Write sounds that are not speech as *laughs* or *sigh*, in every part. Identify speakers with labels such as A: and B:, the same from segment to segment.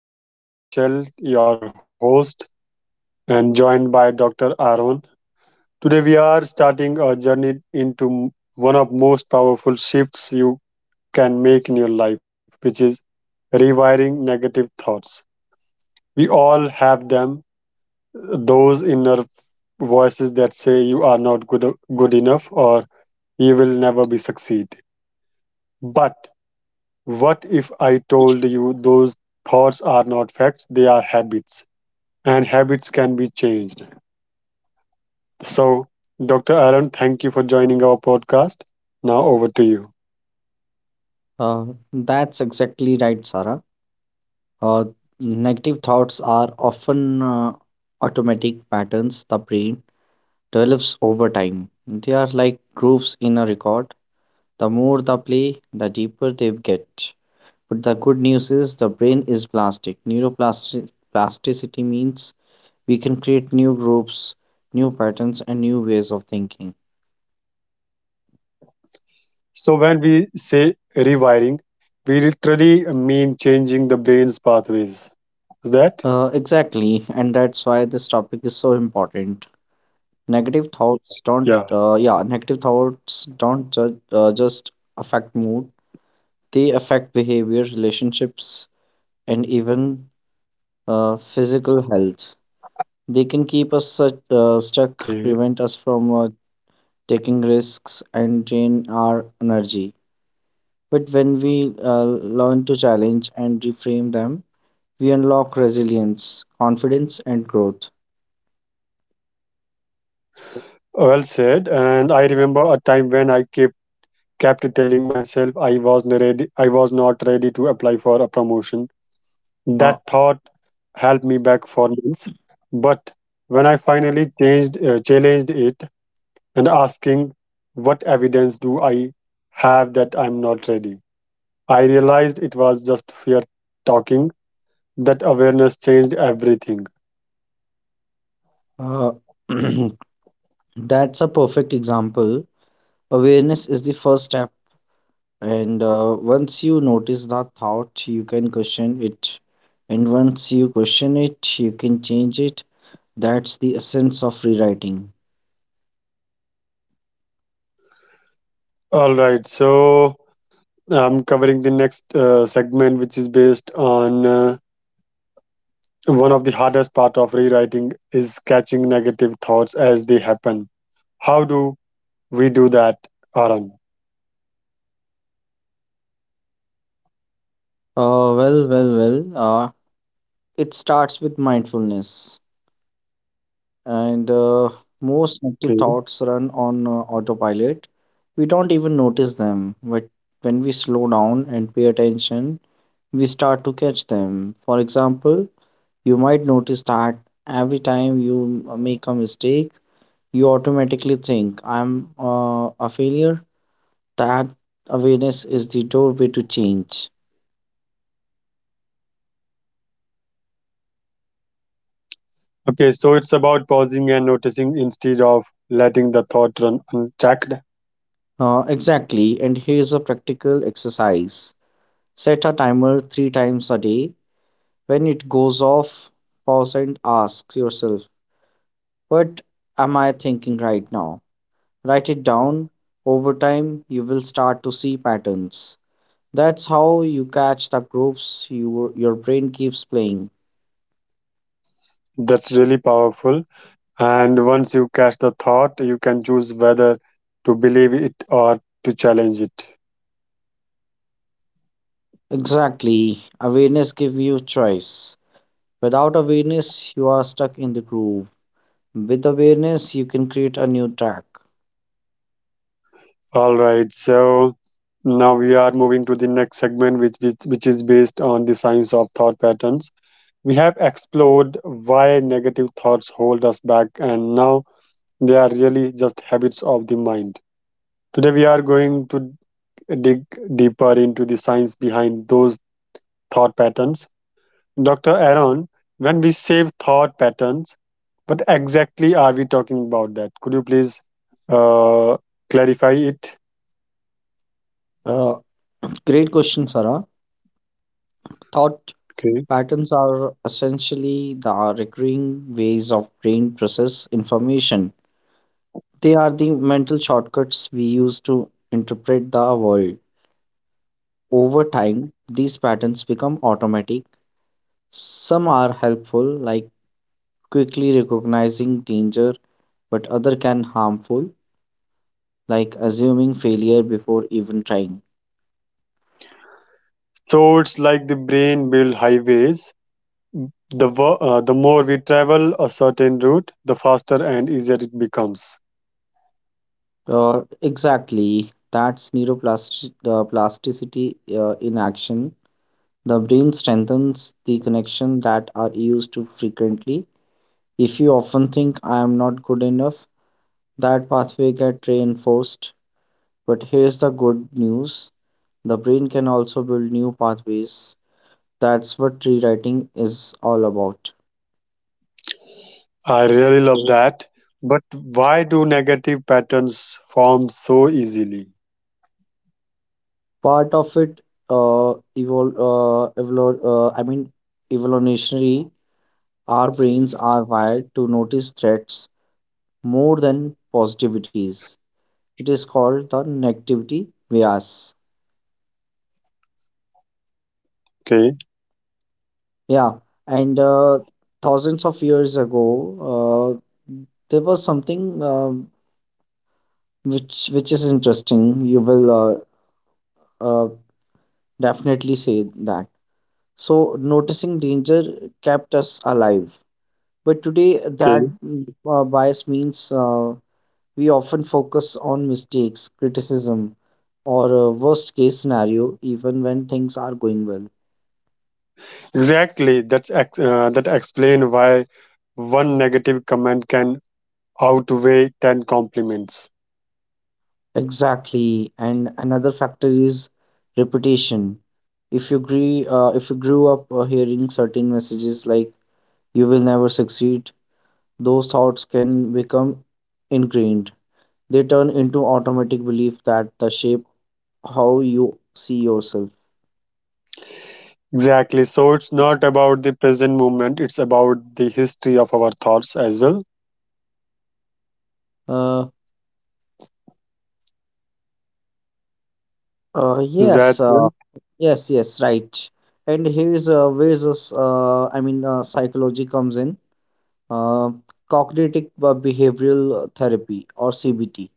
A: I am Sarah Michelle, your host, and joined by Dr. Aaron. Today we are starting a journey into one of most powerful shifts you can make in your life, which is rewiring negative thoughts. We all have them, those inner voices that say you are not good enough or you will never be succeed. But what if I told you those thoughts are not facts, they are habits? And habits can be changed. So, Dr. Aaron, thank you for joining our podcast. Now, over to you.
B: Uh, that's exactly right, Sarah. Uh, Negative thoughts are often automatic patterns the brain develops over time. They are like grooves in a record. The more the play, the deeper they get. But the good news is the brain is plastic. Neuroplasticity means we can create new grooves, new patterns, and new ways of thinking.
A: So, when we say rewiring, we literally mean changing the brain's pathways. Is that?
B: Exactly, and that's why this topic is so important. Negative thoughts don't,
A: Yeah,
B: uh, yeah, negative thoughts don't ju- uh, just affect mood, they affect behavior, relationships, and even physical health. They can keep us
A: okay.
B: stuck, prevent us from taking risks, and drain our energy. But when we learn to challenge and reframe them, we unlock resilience, confidence, and growth.
A: Well said. And I remember a time when I kept telling myself I was not ready to apply for a promotion.
B: Uh,
A: That thought helped me back for months. But when I finally changed challenged it, and asking, what evidence do I have that I'm not ready? I realized it was just fear talking. That awareness changed everything.
B: uh, *clears throat* that's a perfect example. Awareness is the first step. And once you notice that thought, you can question it. And once you question it, you can change it. That's the essence of rewriting.
A: All right, so I'm covering the next segment, which is based on. One of the hardest part of rewriting is catching negative thoughts as they happen. How do we do that, Aaron?
B: Uh, well, well, well. Uh, it starts with mindfulness. And most negative
A: Okay.
B: thoughts run on autopilot. We don't even notice them. But when we slow down and pay attention, we start to catch them. For example, you might notice that every time you make a mistake, you automatically think, "I'm a failure." That awareness is the doorway to change.
A: Okay, so it's about pausing and noticing instead of letting the thought run unchecked.
B: Exactly, and here's a practical exercise: set a timer three times a day. When it goes off, pause and ask yourself, "What am I thinking right now?" Write it down. Over time, you will start to see patterns. That's how you catch the groups your brain keeps playing.
A: That's really powerful. And once you catch the thought, you can choose whether to believe it or to challenge it.
B: Exactly. Awareness gives you choice. Without awareness, you are stuck in the groove. With awareness, you can create a new track.
A: All right, so now we are moving to the next segment, which is based on the science of thought patterns. We have explored why negative thoughts hold us back, and now they are really just habits of the mind. Today, we are going to dig deeper into the science behind those thought patterns. Dr. Aaron, when we say thought patterns, what exactly are we talking about that? Could you please uh, clarify it?
B: Uh, Great question, Sarah. Thought
A: Okay.
B: patterns are essentially the recurring ways of brain process information. They are the mental shortcuts we use to interpret the world. Over time, these patterns become automatic. Some are helpful, like quickly recognizing danger, but other can harmful, like assuming failure before even trying.
A: So it's like the brain build highways. The more we travel a certain route, the faster and easier it becomes.
B: Exactly. That's neuroplasticity, plasticity, in action. The brain strengthens the connection that are used too frequently. If you often think, "I am not good enough," that pathway gets reinforced. But here's the good news. The brain can also build new pathways. That's what rewriting is all about.
A: I really love that. But why do negative patterns form so easily?
B: Part of it uh, evol- uh, evol- uh, I mean evolutionary. Our brains are wired to notice threats more than positivities. It is called the negativity bias.
A: Okay,
B: Yeah, and thousands of years ago, uh, there was something which is interesting. You will uh, definitely say that. So noticing danger kept us alive, but today that
A: okay.
B: bias means we often focus on mistakes, criticism, or a worst case scenario, even when things are going well.
A: Exactly. That explain why one negative comment can outweigh 10 compliments.
B: Exactly, and another factor is reputation. If you grew up hearing certain messages like "you will never succeed," those thoughts can become ingrained. They turn into automatic belief that the shape how you see yourself.
A: Exactly. So it's not about the present moment, it's about the history of our thoughts as well.
B: Uh,
A: Is that
B: yes.
A: right?
B: Yes, yes, right. And here's where's this, I mean, psychology comes in. Uh, Cognitive behavioral therapy or CBT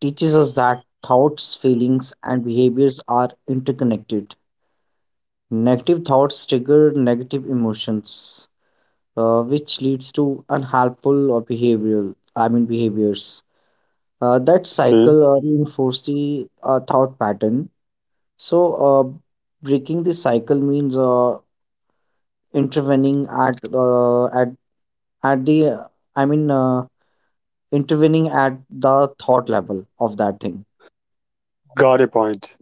B: teaches us that thoughts, feelings, and behaviors are interconnected. Negative thoughts trigger negative emotions, which leads to unhelpful or behaviors. That
A: Okay.
B: cycle reinforces the thought pattern. So, breaking the cycle means intervening at the I mean uh, intervening at the thought level of that thing.
A: Got a point.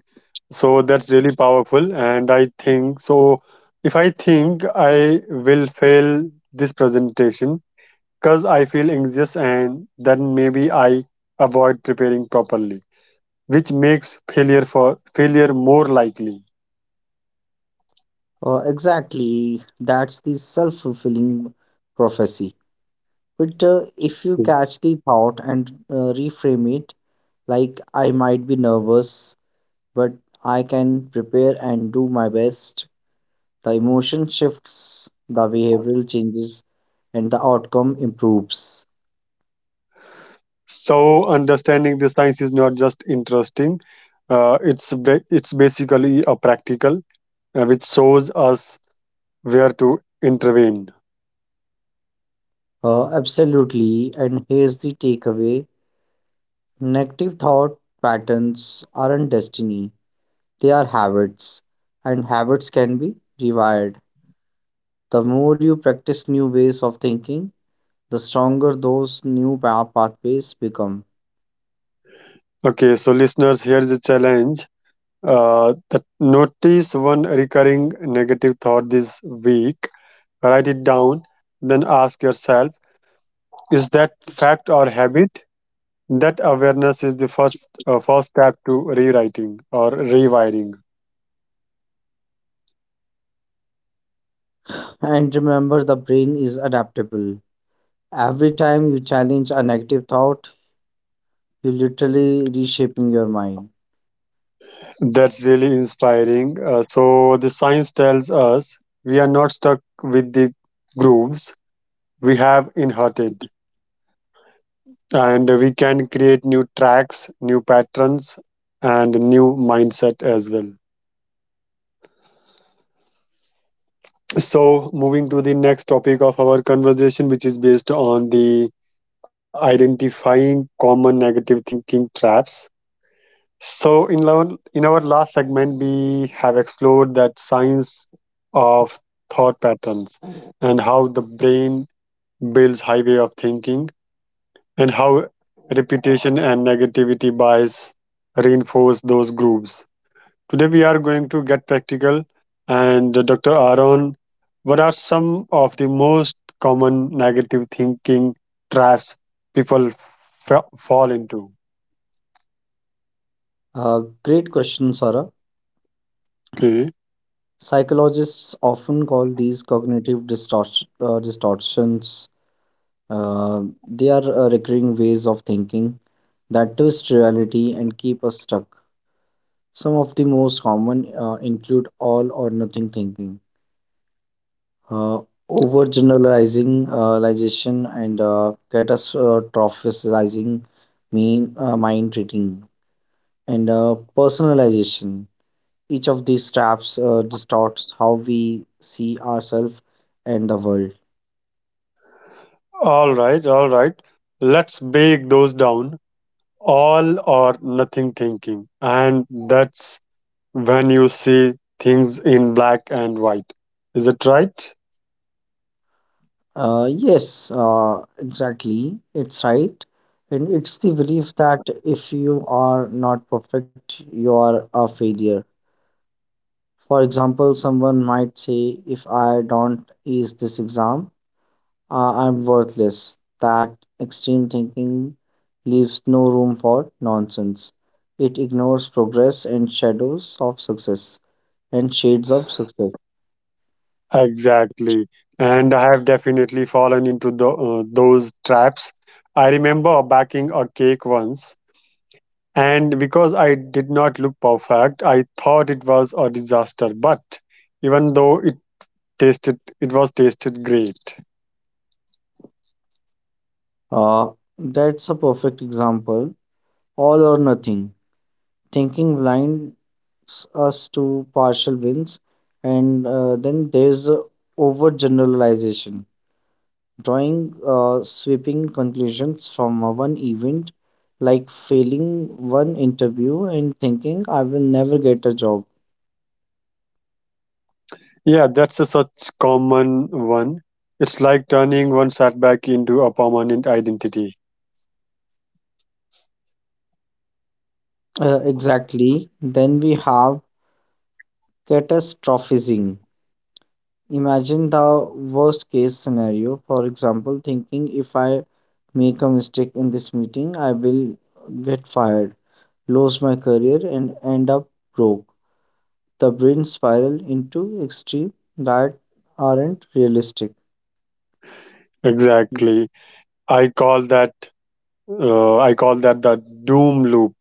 A: So that's really powerful. And I think so. If I think I will fail this presentation, because I feel anxious and then maybe I avoid preparing properly, which makes failure more likely.
B: Exactly, that's the self-fulfilling prophecy. But if you
A: Mm.
B: catch the thought and reframe it, like, "I might be nervous, but I can prepare and do my best." The emotion shifts, the behavioral changes, and the outcome improves.
A: So understanding the science is not just interesting; it's basically a practical, which shows us where to intervene.
B: Absolutely. And here's the takeaway: Negative thought patterns aren't destiny, they are habits, and habits can be rewired. The more you practice new ways of thinking, the stronger those new pathways become.
A: Okay, so listeners, here is a challenge. That Notice one recurring negative thought this week. Write it down, then ask yourself: is that fact or habit? That awareness is the first step to rewriting or rewiring.
B: And remember, the brain is adaptable. Every time you challenge a negative thought, you're literally reshaping your mind.
A: That's really inspiring. So the science tells us we are not stuck with the grooves we have inherited, and we can create new tracks, new patterns, and new mindset as well. So moving to the next topic of our conversation, which is based on the identifying common negative thinking traps. So in our last segment, we have explored that science of thought patterns and how the brain builds highway of thinking and how repetition and negativity bias reinforce those groups. Today we are going to get practical and Dr. Aaron, what are some of the most common negative thinking traps people fall into?
B: Great question, Sarah.
A: Okay.
B: Psychologists often call these cognitive distortions. They are recurring ways of thinking that twist reality and keep us stuck. Some of the most common include all or nothing thinking, uh, overgeneralizing, realization and catastrophizing, mean mind reading, and personalization. Each of these traps distorts how we see ourselves and the world.
A: All right, all right. Let's break those down. All or nothing thinking. And that's when you see things in black and white. Is it right?
B: Yes, exactly. It's right. And it's the belief that if you are not perfect, you are a failure. For example, someone might say, "If I don't ace this exam, I'm worthless." That extreme thinking leaves no room for nonsense. It ignores progress and shadows of success and shades of success.
A: Exactly. And I have definitely fallen into those traps. I remember baking a cake once, and because I did not look perfect, I thought it was a disaster. But even though it tasted, it was tasted great.
B: Uh, that's a perfect example. All or nothing thinking blind us to partial wins. And then there's overgeneralization, drawing sweeping conclusions from one event, like failing one interview and thinking, "I will never get a job."
A: Yeah, that's a such common one. It's like turning one setback into a permanent identity.
B: Exactly, then we have catastrophizing, imagine the worst case scenario. For example, thinking, "If I make a mistake in this meeting, I will get fired, lose my career, and end up broke." The brain spiral into extreme that aren't realistic.
A: Exactly. I call that I call that the doom loop.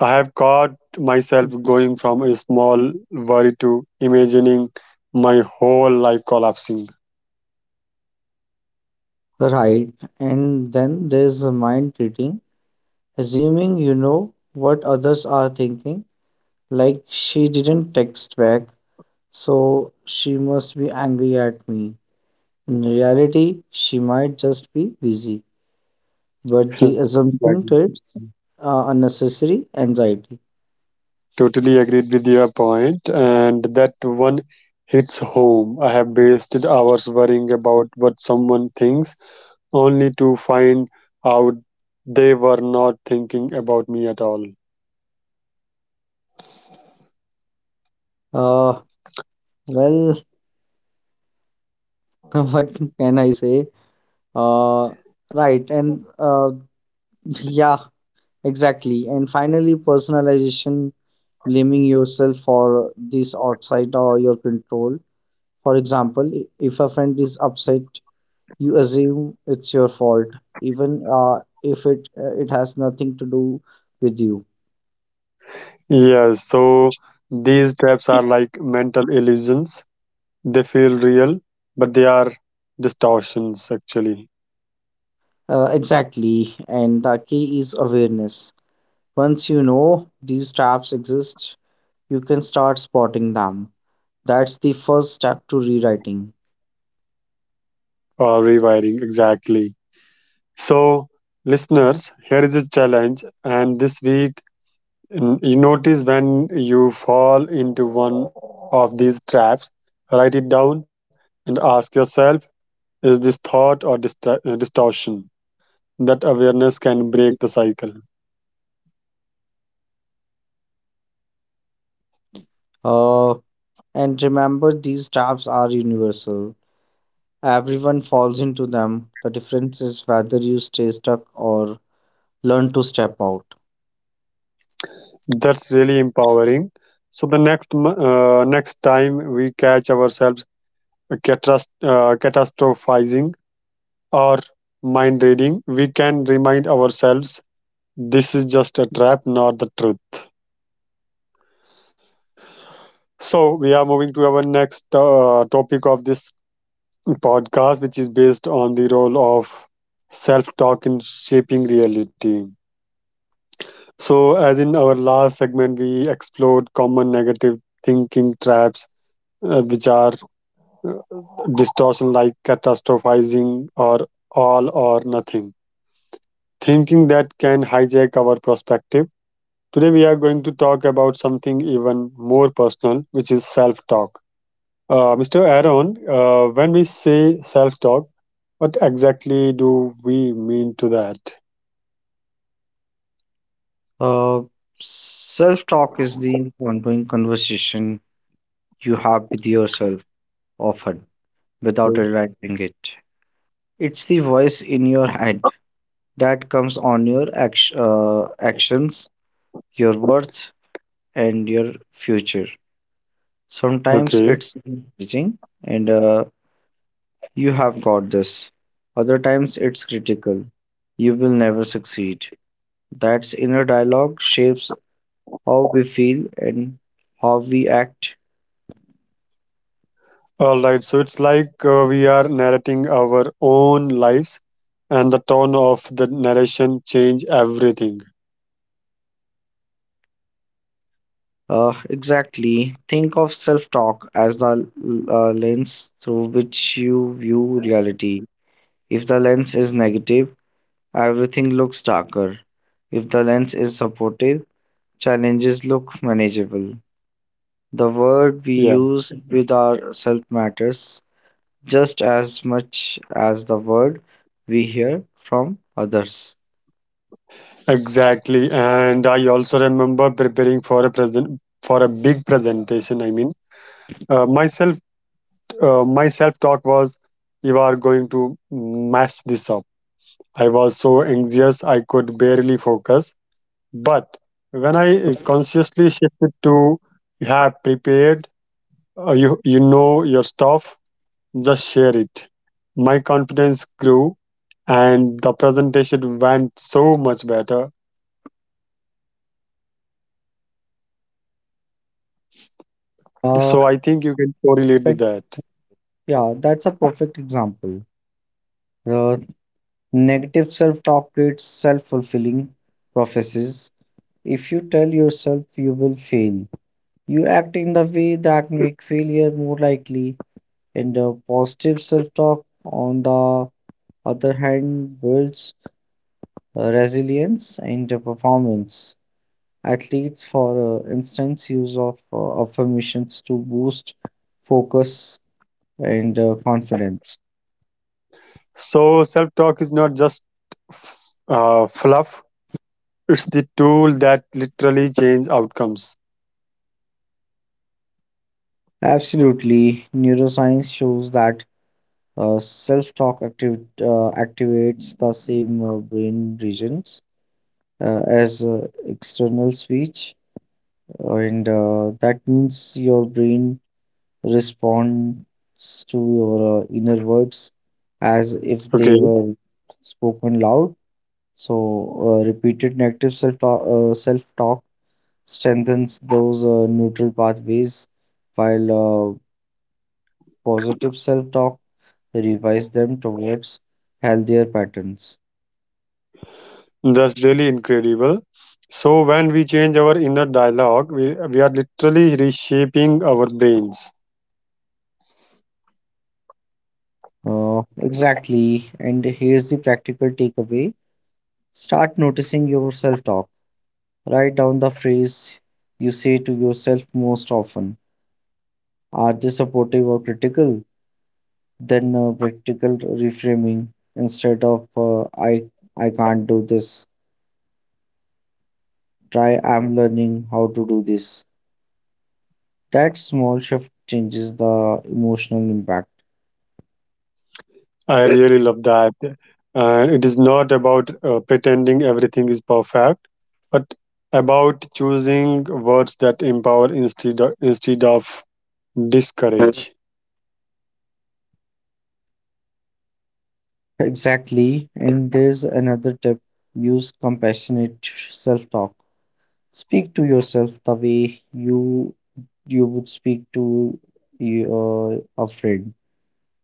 A: I have caught myself going from a small worry to imagining my whole life collapsing.
B: Right, and then there's the mind reading, assuming you know what others are thinking, like, "She didn't text back, so she must be angry at me." In reality, she might just be busy, but the
A: *laughs* Like,
B: assumption creates unnecessary anxiety.
A: totally agreed with your point, and that one hits home. I have wasted hours worrying about what someone thinks, only to find out they were not thinking about me at all.
B: Uh, well, *laughs* what can I say? Uh, right, and yeah, exactly. And finally, personalization, blaming yourself for this outside or your control. For example, if a friend is upset, you assume it's your fault, even if it has nothing to do with you.
A: Yes, so these traps are like mental illusions. They feel real, but they are distortions actually,
B: Exactly, and the key is awareness. Once you know these traps exist, you can start spotting them. That's the first step to rewriting.
A: or rewiring exactly. So, listeners, here is a challenge, and this week, you notice when you fall into one of these traps, write it down and ask yourself, is this thought or distortion? That awareness can break the cycle.
B: Uh, and remember, these traps are universal. Everyone falls into them. The difference is whether you stay stuck or learn to step out.
A: That's really empowering. So the next time we catch ourselves catastrophizing or mind reading, we can remind ourselves this is just a trap, not the truth. So we are moving to our next topic of this podcast, which is based on the role of self talk in shaping reality. So, as in our last segment, we explored common negative thinking traps, which are uh, distortion like catastrophizing or all or nothing, thinking that can hijack our perspective. Today, we are going to talk about something even more personal, which is self talk. Mr. Aaron, when we say self talk, what exactly do we mean to that?
B: Uh, Self talk is the ongoing conversation you have with yourself, often
A: Mm.
B: without realizing it. It's the voice in your head that comes on your actions, your worth, and your future. Sometimes
A: Okay.
B: it's encouraging and, "You have got this." Other times it's critical: "You will never succeed." That's inner dialogue shapes how we feel and how we act.
A: All right. So it's like we are narrating our own lives, and the tone of the narration change everything.
B: Exactly. Think of self talk as the lens through which you view reality. If the lens is negative, everything looks darker. If the lens is supportive, challenges look manageable. The word we
A: Yeah,
B: use with ourself matters just as much as the word we hear from others.
A: exactly. And I also remember preparing for a big presentation. I mean, myself, my self talk was, "You are going to mess this up." I was so anxious I could barely focus. But when I consciously shifted to you have prepared, you know your stuff, just share it. My confidence grew, and the presentation went so much better.
B: Uh,
A: So I think you can correlate
B: but
A: with that.
B: yeah, that's a perfect example. The negative self talk creates self fulfilling prophecies. If you tell yourself you will fail, you act in the way that make failure more likely. And the positive self talk, on the other hand, builds resilience and performance. Athletes, for instance, use of affirmations to boost focus and confidence.
A: So self talk is not just f- fluff; it's the tool that literally changes outcomes.
B: Absolutely, neuroscience shows that. Self-talk activates the same brain regions as external speech, and that means your brain responds to your inner words as if they
A: Okay.
B: were spoken loud. So, repeated negative self-talk strengthens those neutral pathways, while positive self-talk revives them towards healthier patterns.
A: That's really incredible. So, when we change our inner dialogue, we are literally reshaping our brains.
B: Exactly. And here's the practical takeaway: start noticing your self talk. Write down the phrase you say to yourself most often. Are they supportive or critical? Then practical reframing, instead of "I can't do this," try, "I'm learning how to do this." That small shift changes the emotional impact.
A: I really love that. And it is not about pretending everything is perfect, but about choosing words that empower instead of discourage.
B: Exactly. And there's another tip: use compassionate self talk. Speak to yourself the way you would speak to your a friend.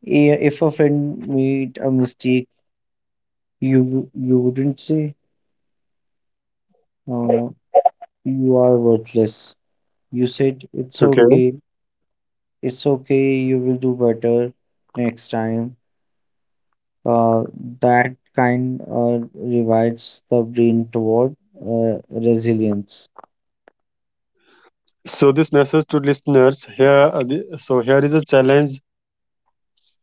B: If a friend made a mistake, you you wouldn't say, uh, "You are worthless." You said, "It's
A: Okay.
B: okay. It's okay. You will do better next time." Uh, that kind revives the brain toward uh, resilience.
A: So this message to listeners here. So here is a challenge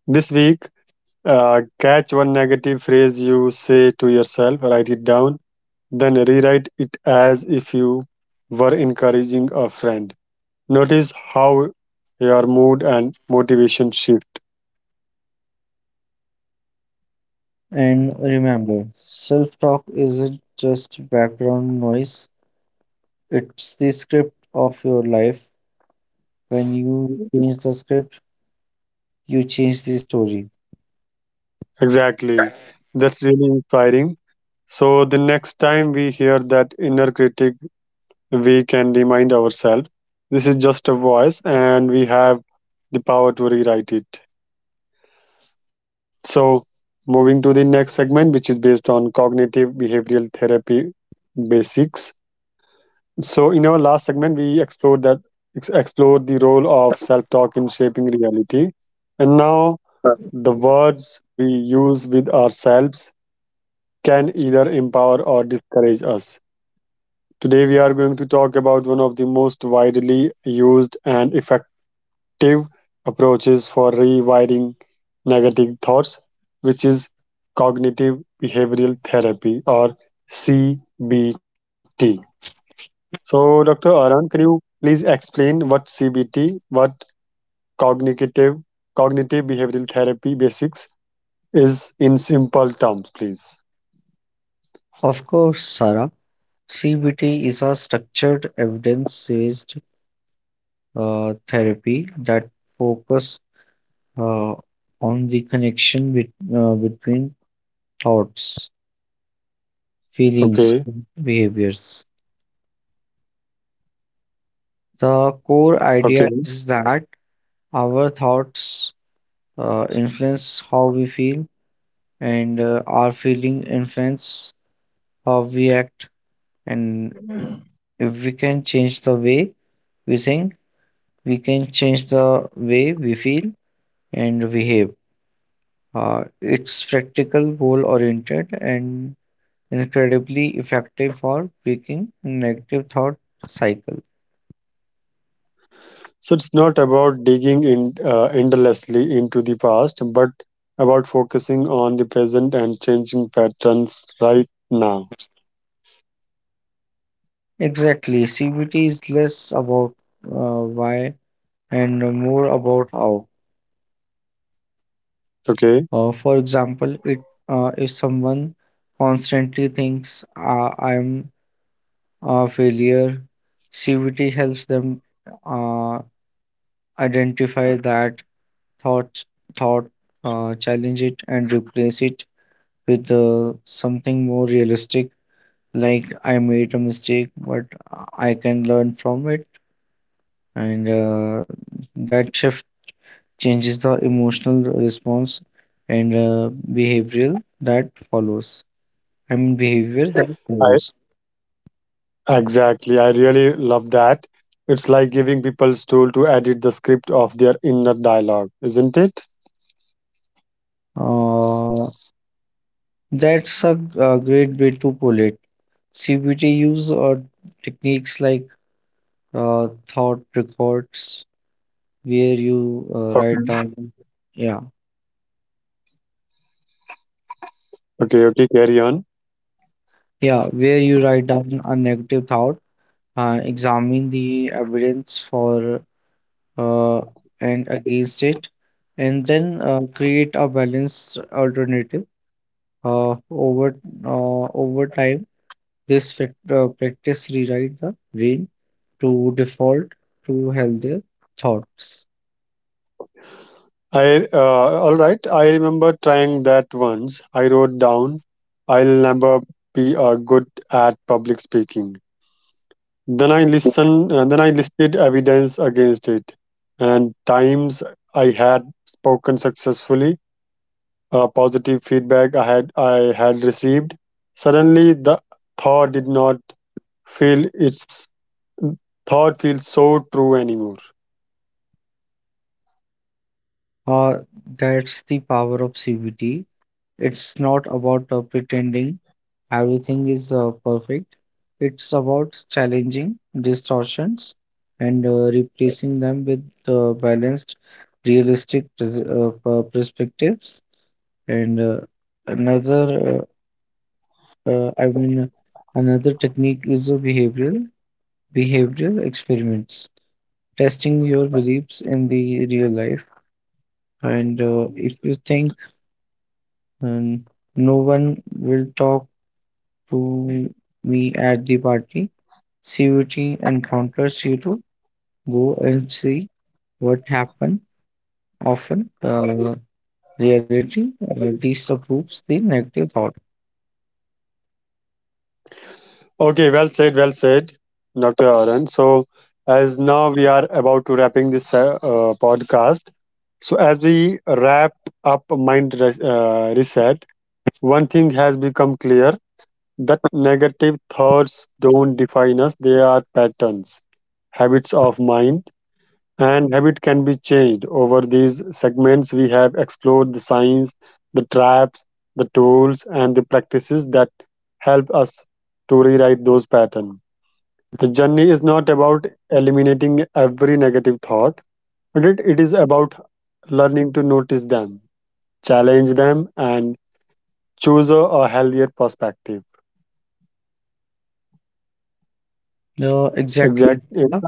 A: this week. Catch one negative phrase you say to yourself, write it down, then rewrite it as if you were encouraging a friend. Notice how your mood and motivation shift.
B: And remember, self-talk isn't just background noise. It's the script of your life. When you change the script, you change the story.
A: Exactly. That's really inspiring. So, the next time we hear that inner critic, we can remind ourselves this is just a voice and we have the power to rewrite it. So, moving to the next segment, which is based on cognitive behavioral therapy basics. So, in our last segment, we explored the role of self-talk in shaping reality, and now the words we use with ourselves can either empower or discourage us. Today, we are going to talk about one of the most widely used and effective active approaches for rewiring negative thoughts, which is cognitive behavioral therapy or CBT. So, Dr. Arun, can you please explain what CBT, what cognitive cognitive behavioral therapy basics is in simple terms, please?
B: Of course, Sarah, CBT is a structured evidence-based therapy that focus uh, on the connection between thoughts, feelings,
A: Okay.
B: and behaviors. The core idea
A: Okay.
B: is that our thoughts influence how we feel, and our feeling influence how we act. And if we can change the way we think, we can change the way we feel and behave. It's practical, goal oriented, and incredibly effective for breaking negative thought cycle.
A: So it's not about digging in endlessly into the past, but about focusing on the present and changing patterns right now.
B: Exactly, CBT is less about why and more about how.
A: Okay,
B: For example, it if someone constantly thinks, "I am failure." CBT helps them uh, identify that thoughts thought, challenge it, and replace it with something more realistic, like, "I made a mistake, but I can learn from it," and that shift changes the emotional response and behavioral that follows. I mean behavior that
A: I
B: follows.
A: exactly. I really love that. It's like giving people tool to edit the script of their inner dialogue, isn't it?
B: Uh, that's a great way to pull it. CBT use or techniques like thought records, where you write
A: Okay.
B: down, yeah,
A: Okay, okay, carry on.
B: yeah, where you write down a negative thought, examine the evidence for uh, and against it, and then create a balanced alternative. Uh, over Over time, this practice rewrite the brain to default to healthier thoughts.
A: I all right. I remember trying that once. I wrote down, "I'll never be good at public speaking." Then I listened. Then I listed evidence against it, and times I had spoken successfully, positive feedback I had received. Suddenly, the thought did not feel its thought feels so true anymore.
B: Uh, that's the power of CBT. It's not about pretending everything is perfect. It's about challenging distortions and replacing them with balanced, realistic perspectives. And another, uh, uh, I mean, another technique is a behavioral experiments, testing your beliefs in the real life. And if you think, and no one will talk to me at the party. CVT encounters you to go and see what happened. Often, reality disapproves the negative thought.
A: Okay, well said, Dr. Aaron. So, as now we are about to wrapping this podcast, so as we wrap up Mind Reset, one thing has become clear that negative thoughts don't define us; they are patterns, habits of mind, and habit can be changed. Over these segments, we have explored the signs, the traps, the tools, and the practices that help us to rewrite those patterns. The journey is not about eliminating every negative thought, but it is about learning to notice them, challenge them, and choose a healthier perspective.
B: Exactly.
A: Exactly.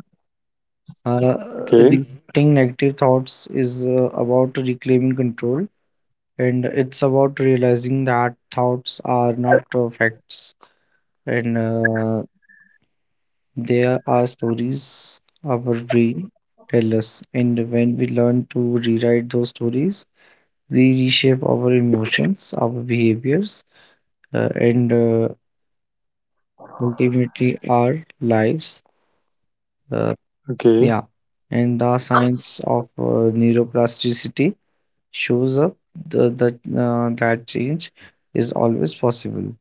A: Okay.
B: Rejecting negative thoughts is about reclaiming control, and it's about realizing that thoughts are not facts, and there are stories our brain tell us, and when we learn to rewrite those stories, we reshape our emotions, our behaviors, and ultimately our lives. Uh,
A: Okay.
B: yeah, and the science of neuroplasticity shows up that change is always possible,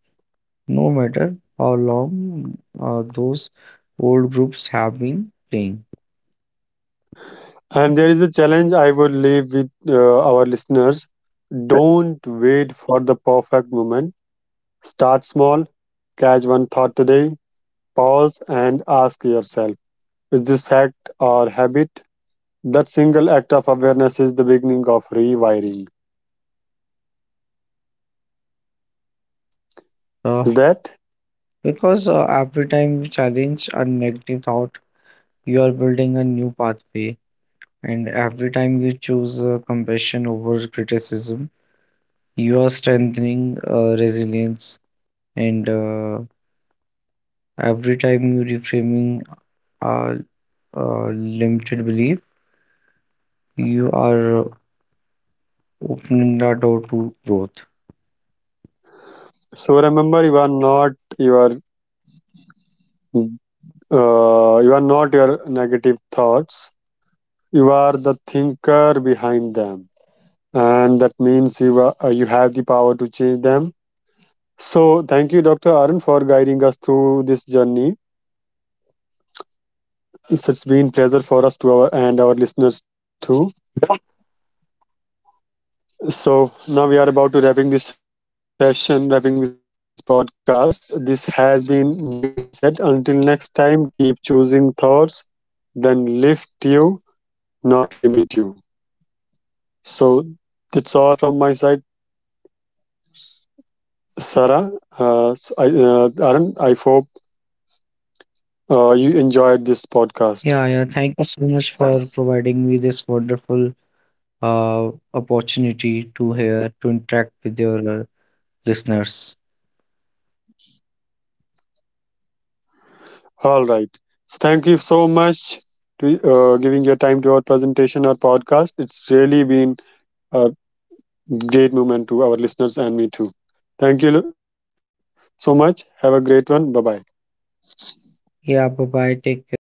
B: no matter how long those old groups have been playing.
A: And there is a challenge I would leave with our listeners. Don't wait for the perfect moment. Start small, catch one thought today, pause and ask yourself, is this fact or habit? That single act of awareness is the beginning of rewiring.
B: Uh,
A: Is that?
B: Because every time you challenge a negative thought, you are building a new pathway. And every time you choose compassion over criticism, you are strengthening resilience. And every time you reframing a, a limited belief, you are opening the door to growth.
A: So remember, your you are not your negative thoughts. You are the thinker behind them, and that means you have the power to change them. So, thank you, Dr. Arun, for guiding us through this journey. It's been pleasure for us to our, and our listeners too. So now we are about to wrapping this session, wrapping this podcast. This has been Mind Reset. Until next time, keep choosing thoughts, then lift you, not limit you. So that's all from my side, Sarah. Arun, I hope you enjoyed this podcast.
B: Yeah, yeah. Thank you so much for providing me this wonderful opportunity to hear to interact with your listeners.
A: All right. So thank you so much to giving your time to our presentation or podcast. It's really been a great moment to our listeners and me too. Thank you so much. Have a great one. Bye bye.
B: Yeah, bye bye. Take care.